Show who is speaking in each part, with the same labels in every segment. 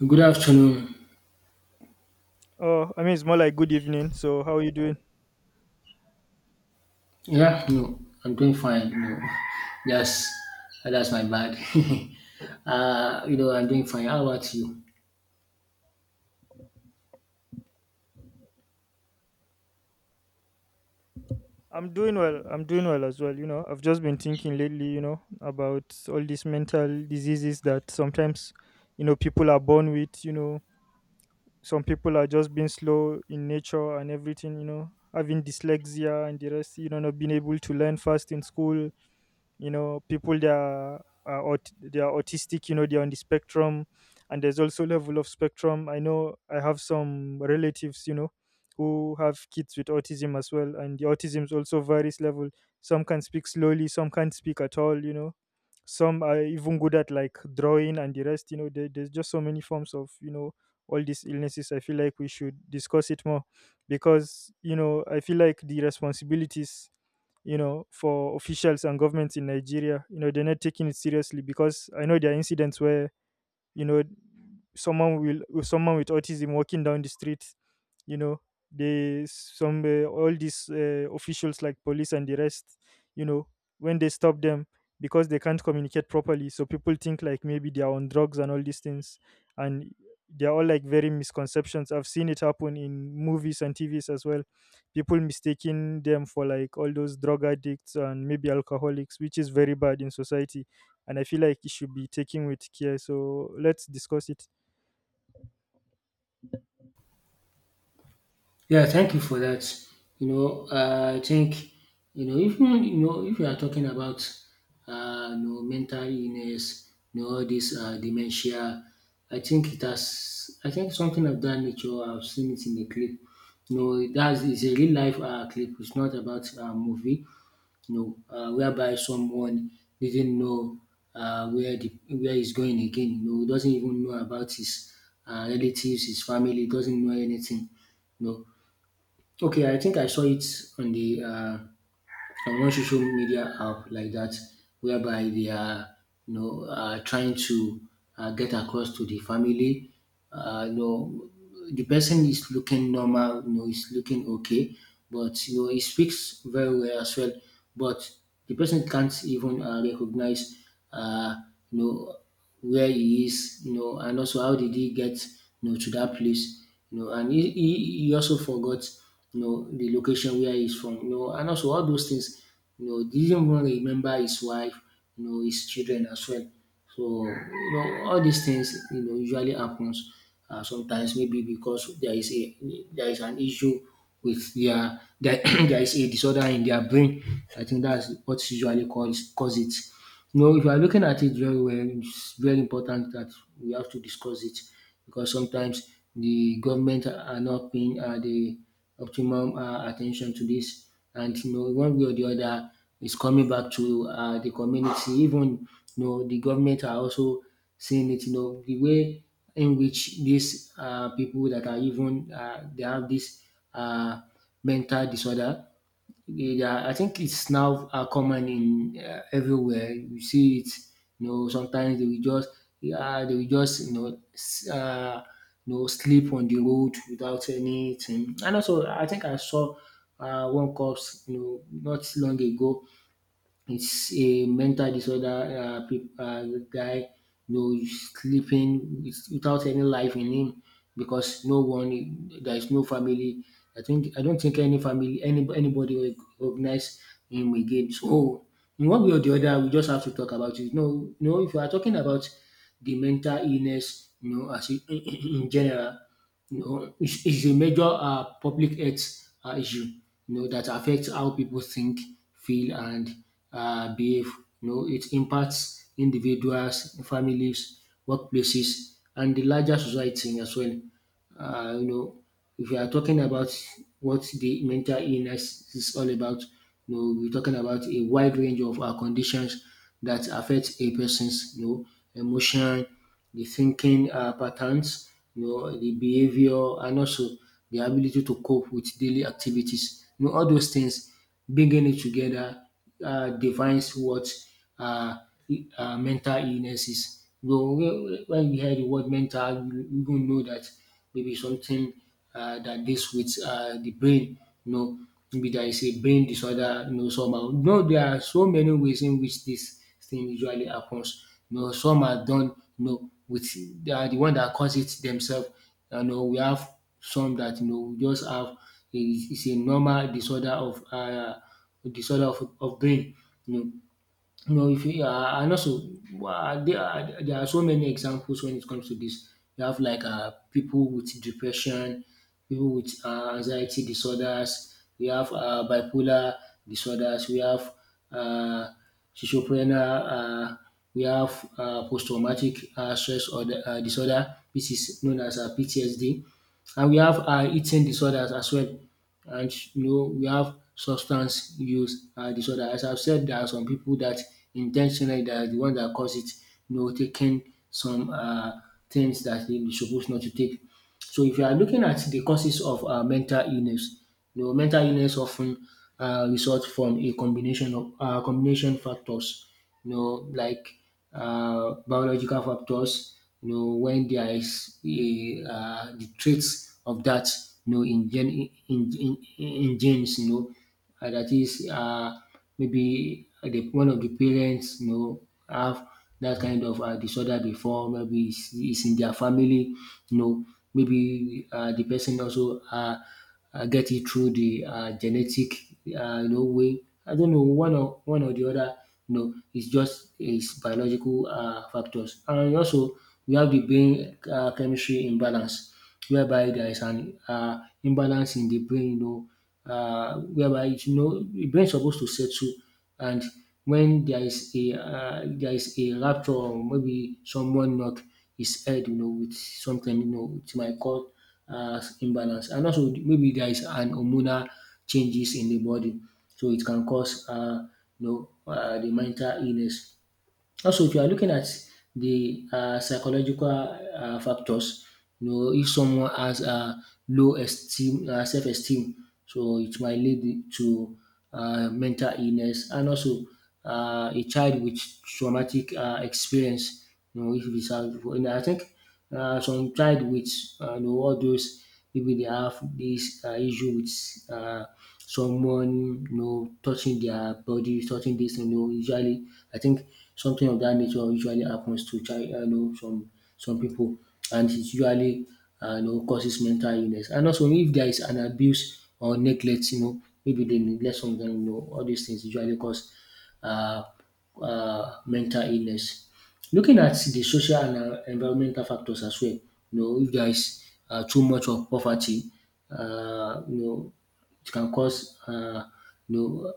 Speaker 1: Good afternoon.
Speaker 2: Oh, I mean, it's more like good evening. So, how are you doing?
Speaker 1: Yeah, no, I'm doing fine. No, yes, that's my bad. I'm doing fine. How about you?
Speaker 2: I'm doing well. I'm doing well as well. You know, I've just been thinking lately, you know, about all these mental diseases that sometimes, you know, people are born with. You know, some people are just being slow in nature and everything, you know, having dyslexia and the rest, you know, not being able to learn fast in school. You know, people they are autistic, you know, they're on the spectrum. And there's also level of spectrum. I know I have some relatives, you know, who have kids with autism as well, and the autism is also various level. Some can speak slowly, some can't speak at all, you know. Some are even good at like drawing and the rest, you know, there's just so many forms of, you know, all these illnesses. I feel like we should discuss it more, because, you know, I feel like the responsibilities, you know, for officials and governments in Nigeria. You know, they're not taking it seriously because I know there are incidents where, you know, someone someone with autism walking down the street, you know, they some all these officials like police and the rest, you know, when they stop them, because they can't communicate properly, so people think like maybe they are on drugs and all these things. And they're all like very misconceptions. I've seen it happen in movies and TVs as well, people mistaking them for like all those drug addicts and maybe alcoholics, which is very bad in society. And I feel like it should be taken with care, so let's discuss it.
Speaker 1: Yeah, thank you for that. I think if you are talking about mental illness, all this dementia, I think it has. I think something of that nature. I've seen it in the clip. That is a real life clip. It's not about a movie. Whereby someone didn't know where the where he's going again. Doesn't even know about his relatives, his family, doesn't know anything. You know, Okay, I think I saw it on the on one social media app like that, whereby they are trying to get across to the family. Uh, you know, the person is looking normal. Is looking okay, but he speaks very well as well. But the person can't even recognize. Uh, you know where he is, and also how did he get to that place, and he also forgot the location where he's from, and also all those things, didn't even remember his wife, his children as well. So all these things usually happens sometimes maybe because there is an issue with their there is a disorder in their brain. I think that's what usually cause it. If you are looking at it very well, it's very important that we have to discuss it because sometimes the government are not paying the optimum attention to this, and one way or the other, it's coming back to the community. Even the government are also seeing it. The way in which these people that are even they have this uh, mental disorder, yeah, I think it's now common in everywhere. You see it. Sometimes they will just, yeah, they will just, you know, s- sleep on the road without anything. And also, I think I saw one cops, not long ago. It's a mental disorder peop guy, he's sleeping without any life in him because no one, there is no family. I don't think any family, anybody will recognize him again. So in one way or the other, we just have to talk about it. No, no, if you are talking about the mental illness, as in in general, it's a major public health issue, that affects how people think, feel, and behave. It impacts individuals, families, workplaces, and the larger society as well. Uh, you know, if we are talking about what the mental illness is all about, we're talking about a wide range of conditions that affect a person's, emotion, the thinking patterns, the behavior, and also the ability to cope with daily activities. All those things, bringing it together, defines what uh, mental illness is. When you hear the word mental, you not know that maybe something that deals with the brain. You know, Maybe there is a brain disorder. Somehow. There are so many ways in which this thing usually happens. Some are done. You know, with They are the one that cause it themselves. We have some that just have. It's a normal disorder of brain. You know, if you and also There are so many examples when it comes to this. You have like people with depression, people with anxiety disorders. We have bipolar disorders. We have uh, schizophrenia. We have post-traumatic stress or disorder, which is known as PTSD. And we have eating disorders as well. And we have substance use disorder. As I've said, there are some people that intentionally they are the one that cause it, taking some things that they be supposed not to take. So if you are looking at the causes of mental illness, mental illness often result from a combination of combination factors, like biological factors, when there is the traits of that, you know, in, gen, in, in genes, that is maybe one of the parents, have that kind of disorder before, maybe it's in their family, you know, maybe the person also get it through the genetic, way. I don't know one or the other. You know, it's just it's biological factors, and also we have the brain chemistry imbalance, whereby there is an imbalance in the brain. Whereby the brain is supposed to settle, and when there is a rupture or maybe someone knock his head, with something, it might cause imbalance. And also maybe there is an hormonal changes in the body, so it can cause you know the mental illness. Also, if you are looking at the psychological factors, if someone has a self-esteem, so it might lead to mental illness, and also a child with traumatic experience. If it's, I think some child with all those maybe they have this issue with uh, someone touching their body, touching this. Usually I think something of that nature usually happens to child. Some people, and it usually causes mental illness. And also, if there is an abuse or neglect, maybe they neglect something. All these things usually cause uh, mental illness. Looking at the social and environmental factors as well, if there is too much of poverty, uh, you know, it can cause, uh, you know,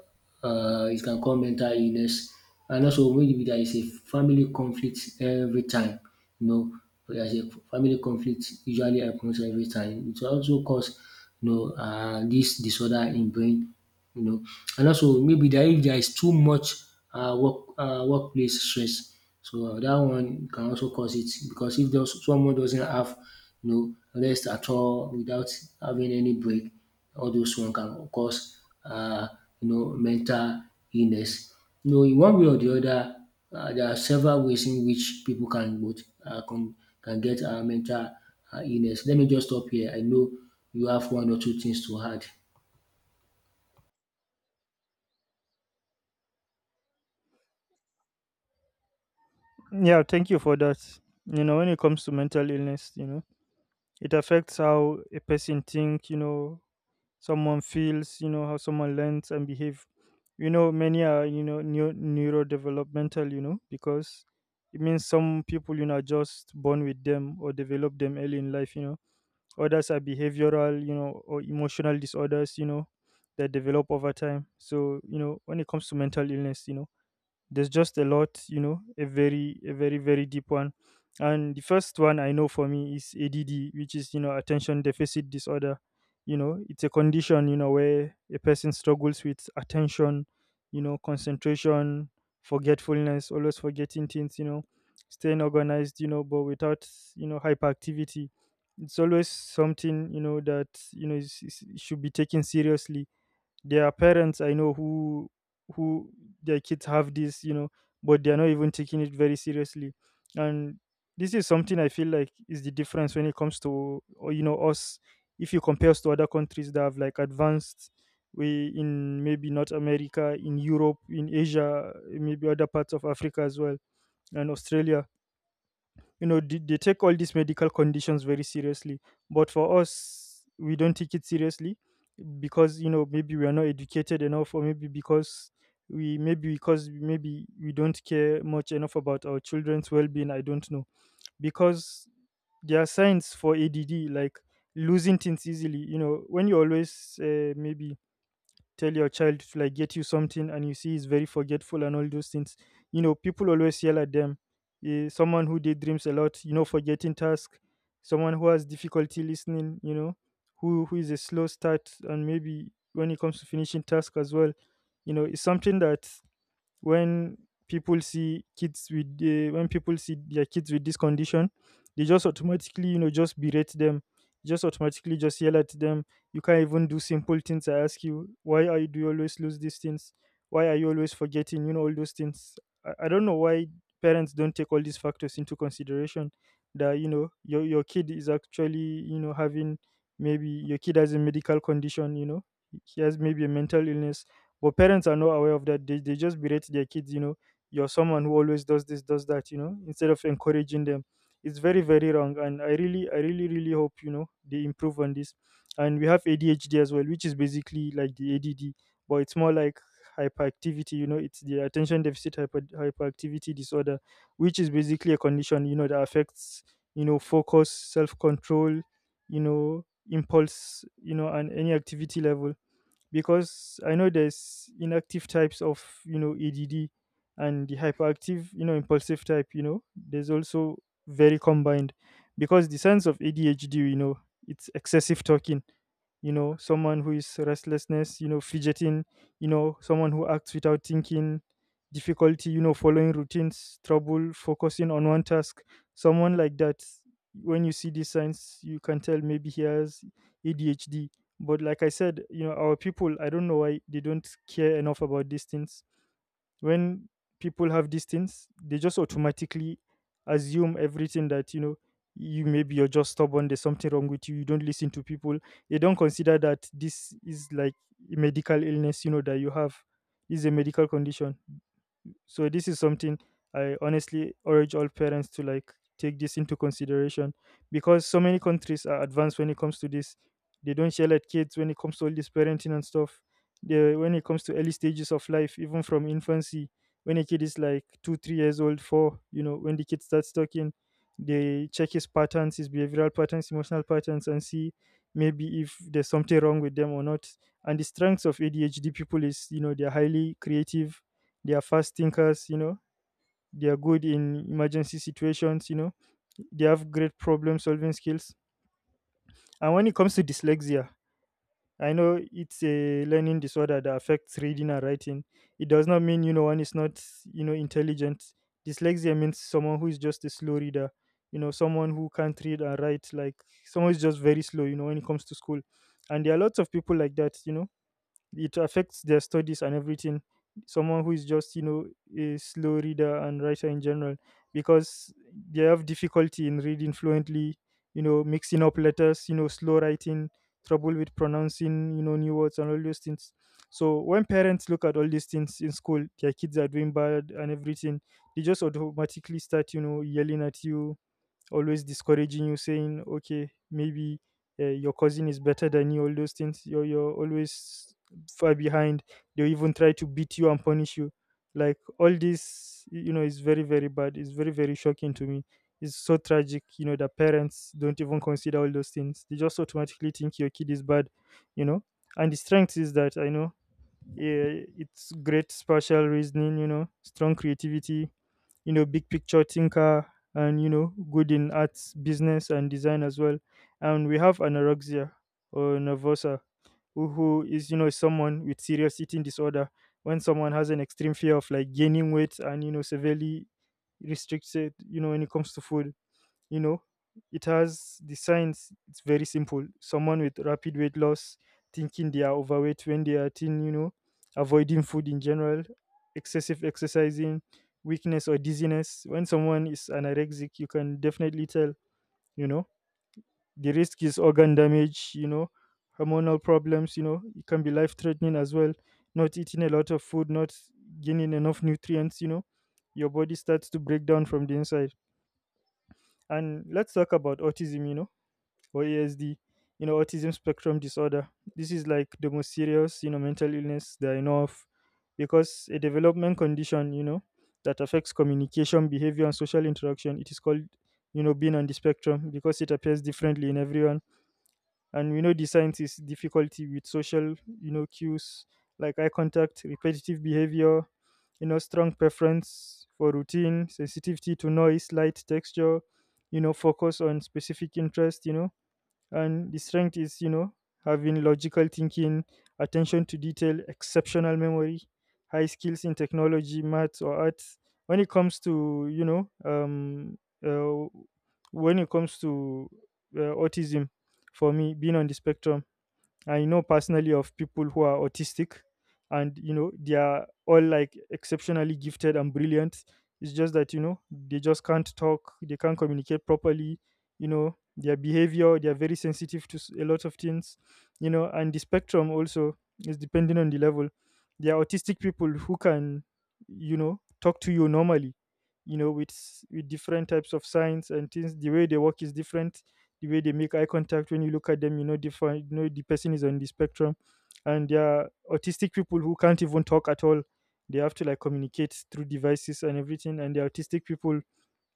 Speaker 1: uh, it can cause mental illness. And also, maybe there is a family conflict every time, you know, there is a family conflict usually happens every time. It also cause, this disorder in brain you know. And also maybe there if there is too much workplace stress, so that one can also cause it because if those, someone doesn't have you rest at all without having any break, all those one can cause uh, mental illness. In one way or the other, there are several ways in which people can get mental illness. Let me just stop here. I know you have one or two things to add.
Speaker 2: Yeah, thank you for that. You know, when it comes to mental illness, you know, it affects how a person think, you know, someone feels, you know, how someone learns and behave. You know, many are, you know, neurodevelopmental, you know, because it means some people, you know, are just born with them or develop them early in life, you know. Others are behavioral, you know, or emotional disorders, you know, that develop over time. So, you know, when it comes to mental illness, you know, there's just a lot, you know, a very a very deep one. And the first one I know for me is ADD, which is, you know, attention deficit disorder. You know, it's a condition, you know, where a person struggles with attention, you know, concentration, forgetfulness, always forgetting things, you know, staying organized, you know, but without, you know, hyperactivity. It's always something, you know, that, you know, should be taken seriously. There are parents I know who who their kids have this, you know, but they are not even taking it very seriously. And this is something I feel like is the difference when it comes to or, you know, us. If you compare us to other countries that have like advanced, we in maybe North America, in Europe, in Asia, maybe other parts of Africa as well, and Australia, you know, they take all these medical conditions very seriously, but for us we don't take it seriously, because, you know, maybe we are not educated enough or maybe because maybe we don't care much enough about our children's well-being. I don't know, because there are signs for ADD, like losing things easily, you know, when you always maybe tell your child to like get you something and you see he's very forgetful and all those things, you know, people always yell at them. Eh, someone who daydreams a lot, you know, forgetting task, someone who has difficulty listening, you know, who is a slow start and maybe when it comes to finishing task as well, you know, it's something that when people see kids with when people see their kids with this condition, they just automatically, you know, just berate them, just automatically just yell at them. You can't even do simple things. I ask you, why are you, do you always lose these things, why are you always forgetting, you know, all those things. I don't know why parents don't take all these factors into consideration, that, you know, your kid is actually, you know, having, maybe your kid has a medical condition, you know, he has maybe a mental illness, but parents are not aware of that. They just berate their kids, you know, you're someone who always does this, does that, you know, instead of encouraging them. It's very, very wrong. And I really, really hope, you know, they improve on this. And we have ADHD as well, which is basically like the ADD, but it's more like hyperactivity, you know, it's the attention deficit hyperactivity disorder, which is basically a condition, you know, that affects, you know, focus, self control, you know, impulse, you know, and any activity level. Because I know there's inactive types of, you know, ADD, and the hyperactive, you know, impulsive type, you know, there's also very combined. Because the sense of ADHD, you know, it's excessive talking, you know, someone who is restlessness, you know, fidgeting, you know, someone who acts without thinking, difficulty, you know, following routines, trouble focusing on one task, someone like that. When you see these signs you can tell maybe he has ADHD. But like I said, you know, our people, I don't know why they don't care enough about these things. When people have these things they just automatically assume everything, that, you know, you maybe you're just stubborn, there's something wrong with you, you don't listen to people. They don't consider that this is like a medical illness, you know, that you have. This is a medical condition. So this is something I honestly urge all parents to like take this into consideration, because so many countries are advanced when it comes to this. They don't yell at kids when it comes to all this parenting and stuff. When it comes to early stages of life, even from infancy, when a kid is like two three years old, four, you know, when the kid starts talking, they check his patterns, his behavioral patterns, emotional patterns, and see maybe if there's something wrong with them or not. And the strengths of ADHD people is, you know, they're highly creative, they are fast thinkers, you know. They are good in emergency situations, you know. They have great problem solving skills. And when it comes to dyslexia, I know it's a learning disorder that affects reading and writing. It does not mean, you know, one is not, you know, intelligent. Dyslexia means someone who is just a slow reader, you know, someone who can't read and write, like someone who's just very slow, you know, when it comes to school. And there are lots of people like that, you know, it affects their studies and everything. Someone who is just, you know, a slow reader and writer in general, because they have difficulty in reading fluently, you know, mixing up letters, you know, slow writing, trouble with pronouncing, you know, new words and all those things. So when parents look at all these things in school, their kids are doing bad and everything, they just automatically start, you know, yelling at you, always discouraging you, saying, okay, maybe your cousin is better than you, all those things. You're always far behind. They even try to beat you and punish you. Like all this, you know, is very, very bad. It's very, very shocking to me. It's so tragic, you know, that parents don't even consider all those things. They just automatically think your kid is bad, you know. And the strength is that I know, yeah, it's great spatial reasoning, you know, strong creativity, you know, big picture thinker, and, you know, good in arts, business, and design as well. And we have anorexia or nervosa, who is, you know, someone with serious eating disorder. When someone has an extreme fear of like gaining weight and, you know, severely restricted, you know, when it comes to food. You know, it has the signs, it's very simple, someone with rapid weight loss, thinking they are overweight when they are thin, you know, avoiding food in general, excessive exercising, weakness or dizziness. When someone is anorexic you can definitely tell, you know. The risk is organ damage, you know, hormonal problems, you know, it can be life threatening as well. Not eating a lot of food, not gaining enough nutrients, you know, your body starts to break down from the inside. And let's talk about autism, you know, or ASD, you know, autism spectrum disorder. This is like the most serious, you know, mental illness that I know of, because a development condition, you know, that affects communication, behavior, and social interaction. It is called being on the spectrum because it appears differently in everyone. And we know the science is difficulty with social cues like eye contact, repetitive behavior, strong preference for routine, sensitivity to noise, light, texture, focus on specific interest, and the strength is having logical thinking, attention to detail, exceptional memory, high skills in technology, maths, or arts. when it comes to you know um uh, when it comes to autism, for me, being on the spectrum, I know personally of people who are autistic. And they are all like exceptionally gifted and brilliant. It's just that they just can't talk, they can't communicate properly. Their behavior, they are very sensitive to a lot of things, and the spectrum also is depending on the level. There are autistic people who can talk to you normally, with different types of signs and things. The way they work is different. The way they make eye contact when you look at them, different. You know the person is on the spectrum. And there are autistic people who can't even talk at all. They have to like communicate through devices and everything. And the autistic people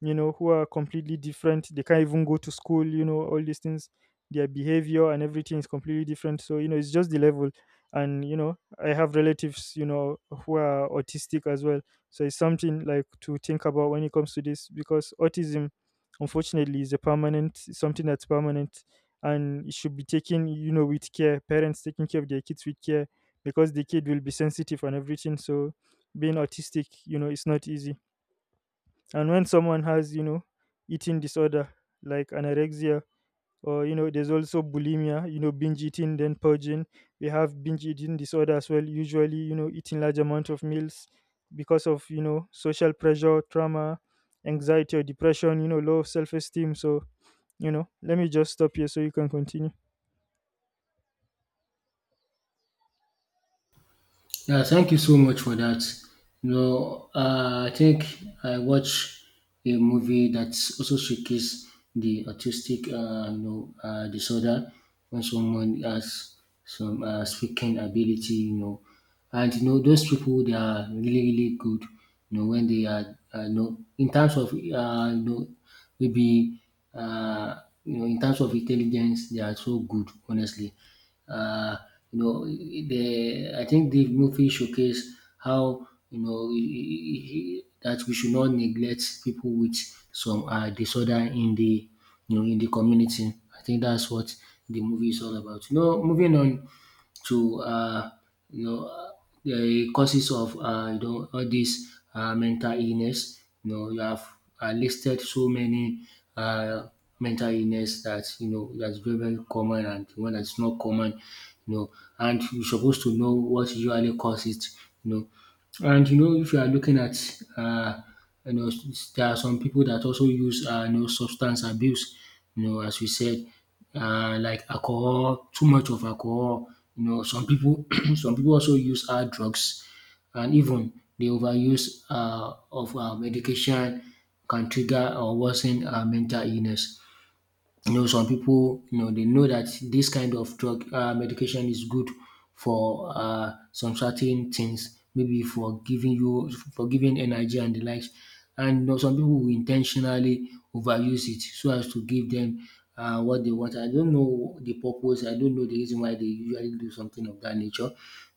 Speaker 2: you know, who are completely different. They can't even go to school, all these things. Their behavior and everything is completely different. So, it's just the level. And, I have relatives, who are autistic as well. So it's something like to think about when it comes to this because autism, unfortunately, is something that's permanent, and it should be taken with care. Parents taking care of their kids with care because the kid will be sensitive and everything. So being autistic, it's not easy. And when someone has eating disorder like anorexia or there's also bulimia, binge eating, then purging. We have binge eating disorder as well, usually, eating large amount of meals because of social pressure, trauma, anxiety or depression, low self-esteem. So, let me just stop here so you can continue.
Speaker 1: Yeah, thank you so much for that. I think I watched a movie that also showcases the autistic, disorder when someone has some speaking ability, and those people they are really really good, when they are, in terms of, you know, maybe, in terms of intelligence, they are so good, honestly. Uh, you know, the I think the movie showcased how that we should not neglect people with some disorder in the community. I think that's what the movie is all about. Moving on, to you know uh, the causes of all these mental illness. You have listed so many uh, mental illness that's very very common and one that's not common. You know and you're supposed to know what usually causes it. You know if you are looking at, uh, there are some people that also use, substance abuse. As we said, like alcohol, too much of alcohol. You know, some people, some people also use hard drugs, and even the overuse of medication can trigger or worsen mental illness. You know, some people, you know, they know that this kind of drug, medication, is good for some certain things, maybe for giving you, for giving energy and the likes. And you know, some people will intentionally overuse it so as to give them what they want. I don't know the purpose, I don't know the reason why they usually do something of that nature,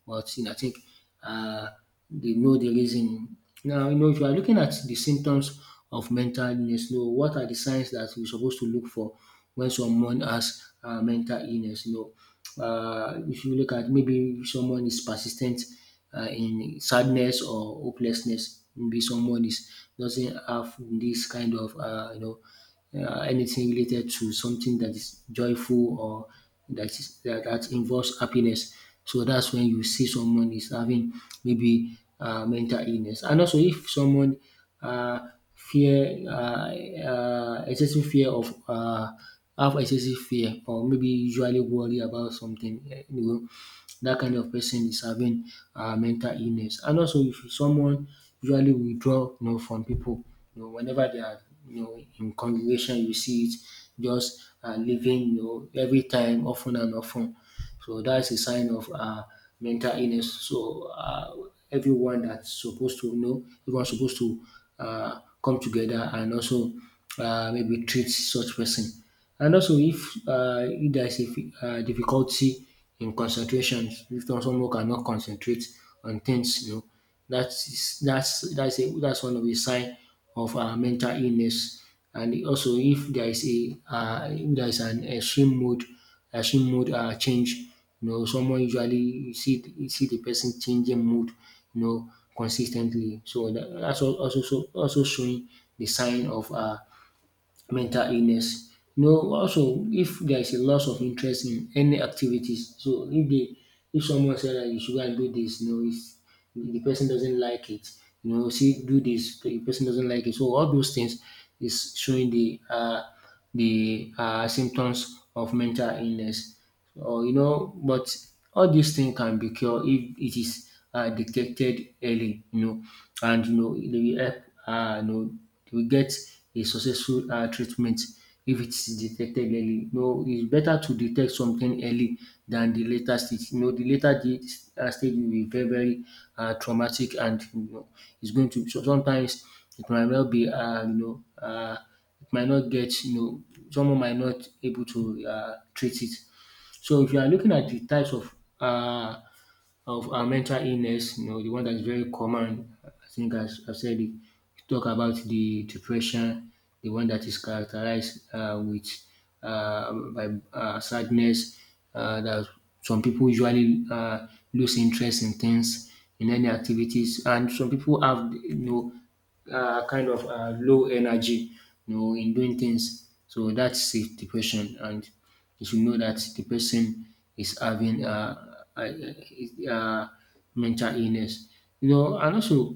Speaker 1: but you know, I think uh, they know the reason. Now you know, if you are looking at the symptoms of mental illness. You know, what are the signs that we're supposed to look for when someone has mental illness? You know, if you look at, maybe someone is persistent in sadness or hopelessness, maybe someone is doesn't have this kind of anything related to something that is joyful or that involves happiness. So that's when you see someone is having maybe mental illness. And also, if someone uh, fear excessive fear of have excessive fear or maybe usually worry about something, eh, you know, that kind of person is having mental illness. And also, if someone usually withdraw, you know, from people, you know, whenever they are, you know, in congregation, you see it just leaving, you know, every time, often and often. So that's a sign of mental illness. So everyone that's supposed to, you know, everyone's supposed to come together and also maybe treat such person. And also, if there's a difficulty in concentration, if someone cannot concentrate on things, you know, that's one of the sign of mental illness. And also, if there is a if there is an extreme mood change, you know, someone usually you see the person changing mood, you know, consistently. So that, that's al- also so, also showing the sign of mental illness. You know, also if there is a loss of interest in any activities. So if they, if someone said that you should go and do this, you know, if the person doesn't like it, you know, see do this, the person doesn't like it. So all those things is showing the symptoms of mental illness or you know. But all these things can be cured if it is detected early, you know, and you know, it will help, they will get a successful treatment if it's detected early. You know, it's better to detect something early than the later stage. You know, the later the, stage will be very, very traumatic, and, you know, it's going to, so sometimes it might not be, it might not get, you know, someone might not able to treat it. So if you are looking at the types of uh, mental illness, you know, the one that is very common, I think as I said, it, talk about the depression, the one that is characterized with by sadness, that some people usually lose interest in things, in any activities, and some people have, you know, kind of low energy, you know, in doing things. So that's a depression, and you should know that the person is having mental illness. You know, and also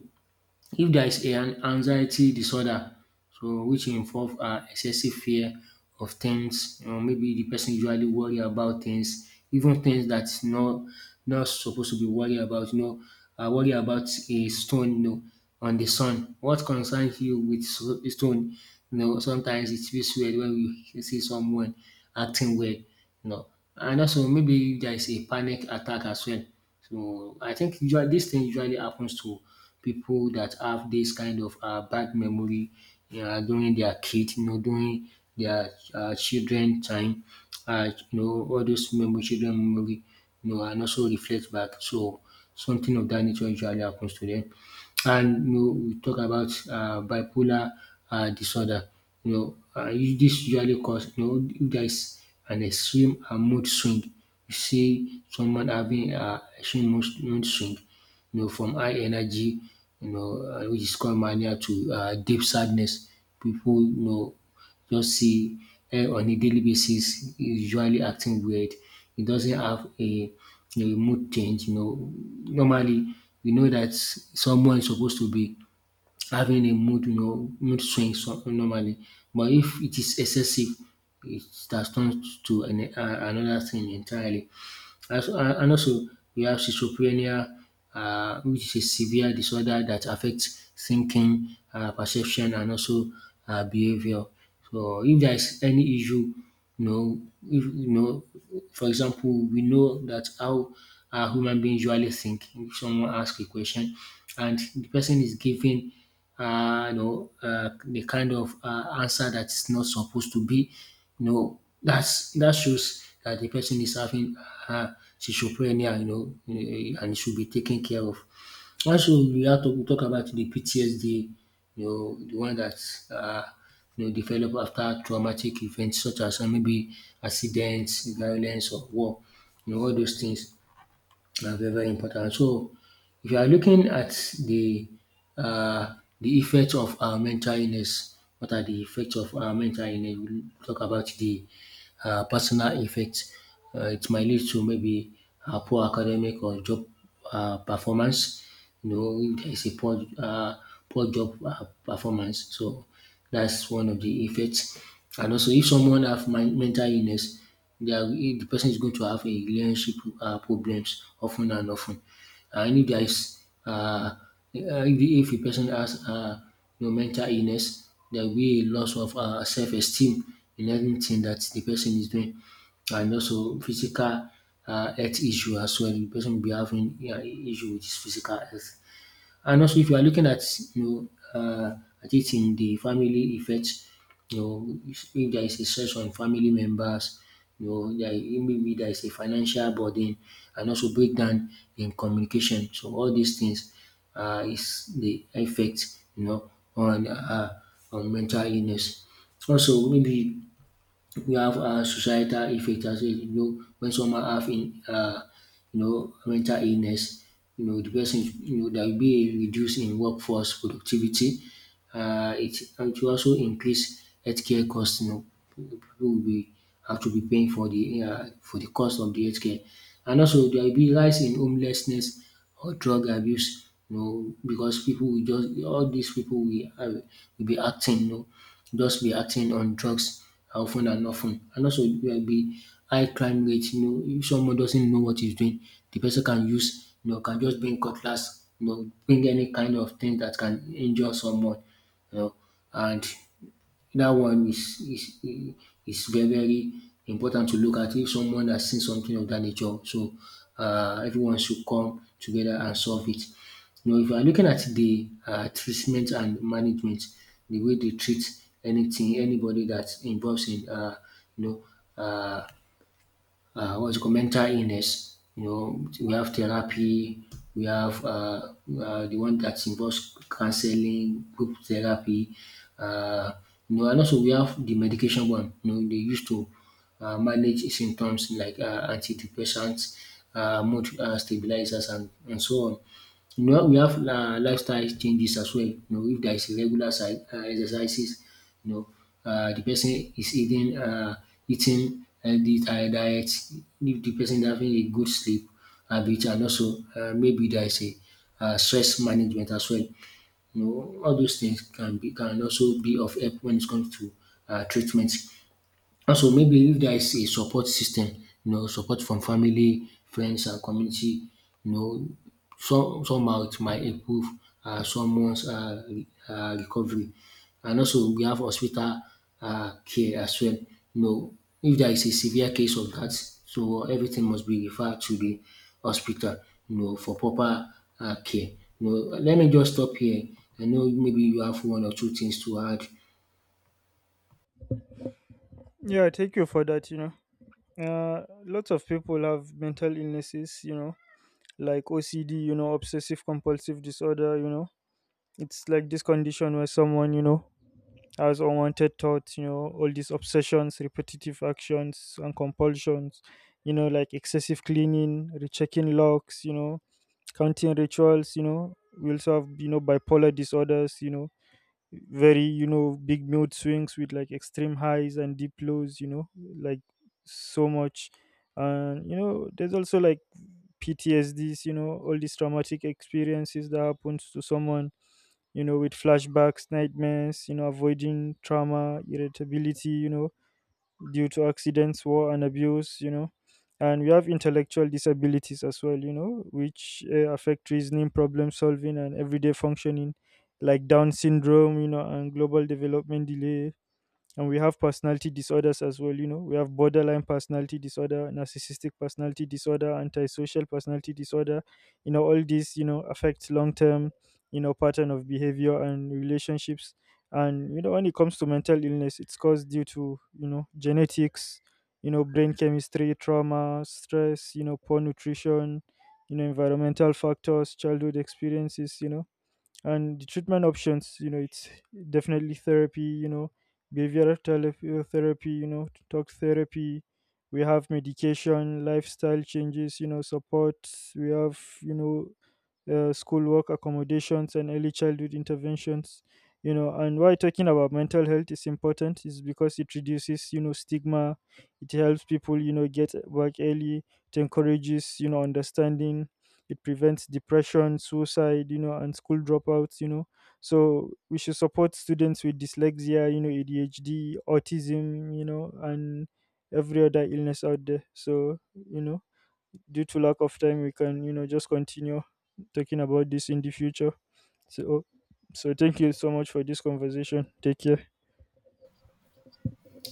Speaker 1: if there is an anxiety disorder, so which involve excessive fear of things, you know, maybe the person usually worry about things, even things that's not supposed to be worried about. You know, worry about a stone, you know, on the sun. What concerns you with stone? You know, sometimes it feels weird when we see someone acting weird. You know, and also maybe there is a panic attack as well. So I think usually this thing usually happens to people that have this kind of bad memory during their kids, you know, during their children time, you know, all those memory, children memory, you know, and also reflect back. So something of that nature usually happens to them. And you know, we talk about bipolar disorder. You know, this usually cause, you know, if there is an extreme mood swing. You see someone having mood swing, you know, from high energy, you know, which is called mania, to deep sadness. People, you know, just see eh, on a daily basis is usually acting weird. It doesn't have a mood change. You know, normally we know that someone is supposed to be having a mood, you know, mood swing so, normally. But if it is excessive, it has turned to another thing entirely. As and also we have schizophrenia, which is a severe disorder that affects thinking, perception, and also behavior. So if there is any issue, you know, if, you know, for example, we know that how human beings usually think. If someone asks a question, and the person is giving, the kind of answer that's not supposed to be, no, that's that shows that the person is having uh, schizophrenia, you know, eh, and it should be taken care of. Also, we have to talk about the PTSD, you know, the one that uh, you know, develop after traumatic events such as maybe accidents, violence, or war, you know, all those things. Na very, very important. So, if you are looking at the uh, effect of mental illness, what are the effects of mental illness? We'll talk about the personal effects. It might lead to maybe poor academic or job performance. You know, if there is a poor job performance. So, that's one of the effects. And also if someone have mental illness, they are if the person is going to have a relationship problems of ten. And if there is um, if a person has um, you know, mental illness, there will be a loss of self esteem in anything that the person is doing. And also physical health issue as well. The person will be having issue with his physical health. And also if you are looking at you know uh, at it in the family effect, you know, if there is a stress on family members, you know, there maybe there is a financial burden and also breakdown in communication. So all these things is the effect, you know, on mental illness. Also maybe we have societal effect as in, you know, when someone have in you know, mental illness, you know, the person, you know, there will be a reduce in workforce productivity. It will also increase healthcare costs. You know, people will be, have to be paying for the cost of the healthcare. And also there will be rise in homelessness or drug abuse, you know, because people will just, all these people will be acting, you know, just be acting on drugs often and often. And also it will be high crime rate. You know, if someone doesn't know what he's doing, the person can use, you know, can just bring cutlass, you know, bring any kind of thing that can injure someone, you know, and that one is very, very important to look at if someone has seen something of that nature. So everyone should come together and solve it. You know, if you are looking at the treatment and management, the way they treat anything, anybody that's involved in, you know, uh, what's it called mental illness. You know, we have therapy, we have the one that involves counseling, group therapy. Uh, you know, and also we have the medication one. You know, they used to manage symptoms like antidepressants, mood stabilizers, and so on. You know, we have lifestyle changes as well. You know, if there is irregular exercises, you know, the person is eating healthy diet, if the person is having a good sleep habit, and also maybe there is a stress management as well. You know, all those things can also be of help when it comes to treatment. Also maybe if there is a support system, you know, support from family, friends and community, you know, some somehow it might improve someone's recovery. And also we have hospital care as well. You know, if there is a severe case of dat, so everything must be referred to de hospital, you know, for proper care. You know, let me just stop here. I know maybe you have one or two things to add.
Speaker 2: Yeah, thank you for that. Lots of people have mental illnesses. Like OCD, obsessive compulsive disorder. It's like this condition where someone has unwanted thoughts, all these obsessions, repetitive actions, and compulsions, like excessive cleaning, rechecking locks, counting rituals. We also have bipolar disorders, very big mood swings with like extreme highs and deep lows, like so much. And, there's also like PTSDs, all these traumatic experiences that happens to someone, with flashbacks, nightmares, avoiding trauma, irritability, due to accidents, war, and abuse. And we have intellectual disabilities as well, which affect reasoning, problem solving, and everyday functioning, like Down syndrome, and global development delay, and we have personality disorders as well. We have borderline personality disorder, narcissistic personality disorder, antisocial personality disorder. All these affects long term pattern of behavior and relationships. And you know when it comes to mental illness, it's caused due to genetics, brain chemistry, trauma, stress, poor nutrition, environmental factors, childhood experiences. And the treatment options, it's definitely therapy, behavioral therapy, talk therapy. We have medication, lifestyle changes, support. We have schoolwork accommodations and early childhood interventions. And why talking about mental health is important is because it reduces stigma. It helps people get work early. It encourages understanding. It prevents depression, suicide, and school dropouts. So we should support students with dyslexia, ADHD, autism, and every other illness out there. So you know due to lack of time, we can just continue talking about this in the future. So, so, thank you so much for this conversation. Take care.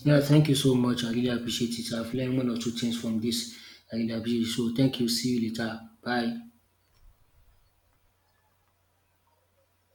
Speaker 1: Yeah, thank you so much. I really appreciate it. I've learned one or two things from this. I really appreciate it. So thank you. See you later. Bye.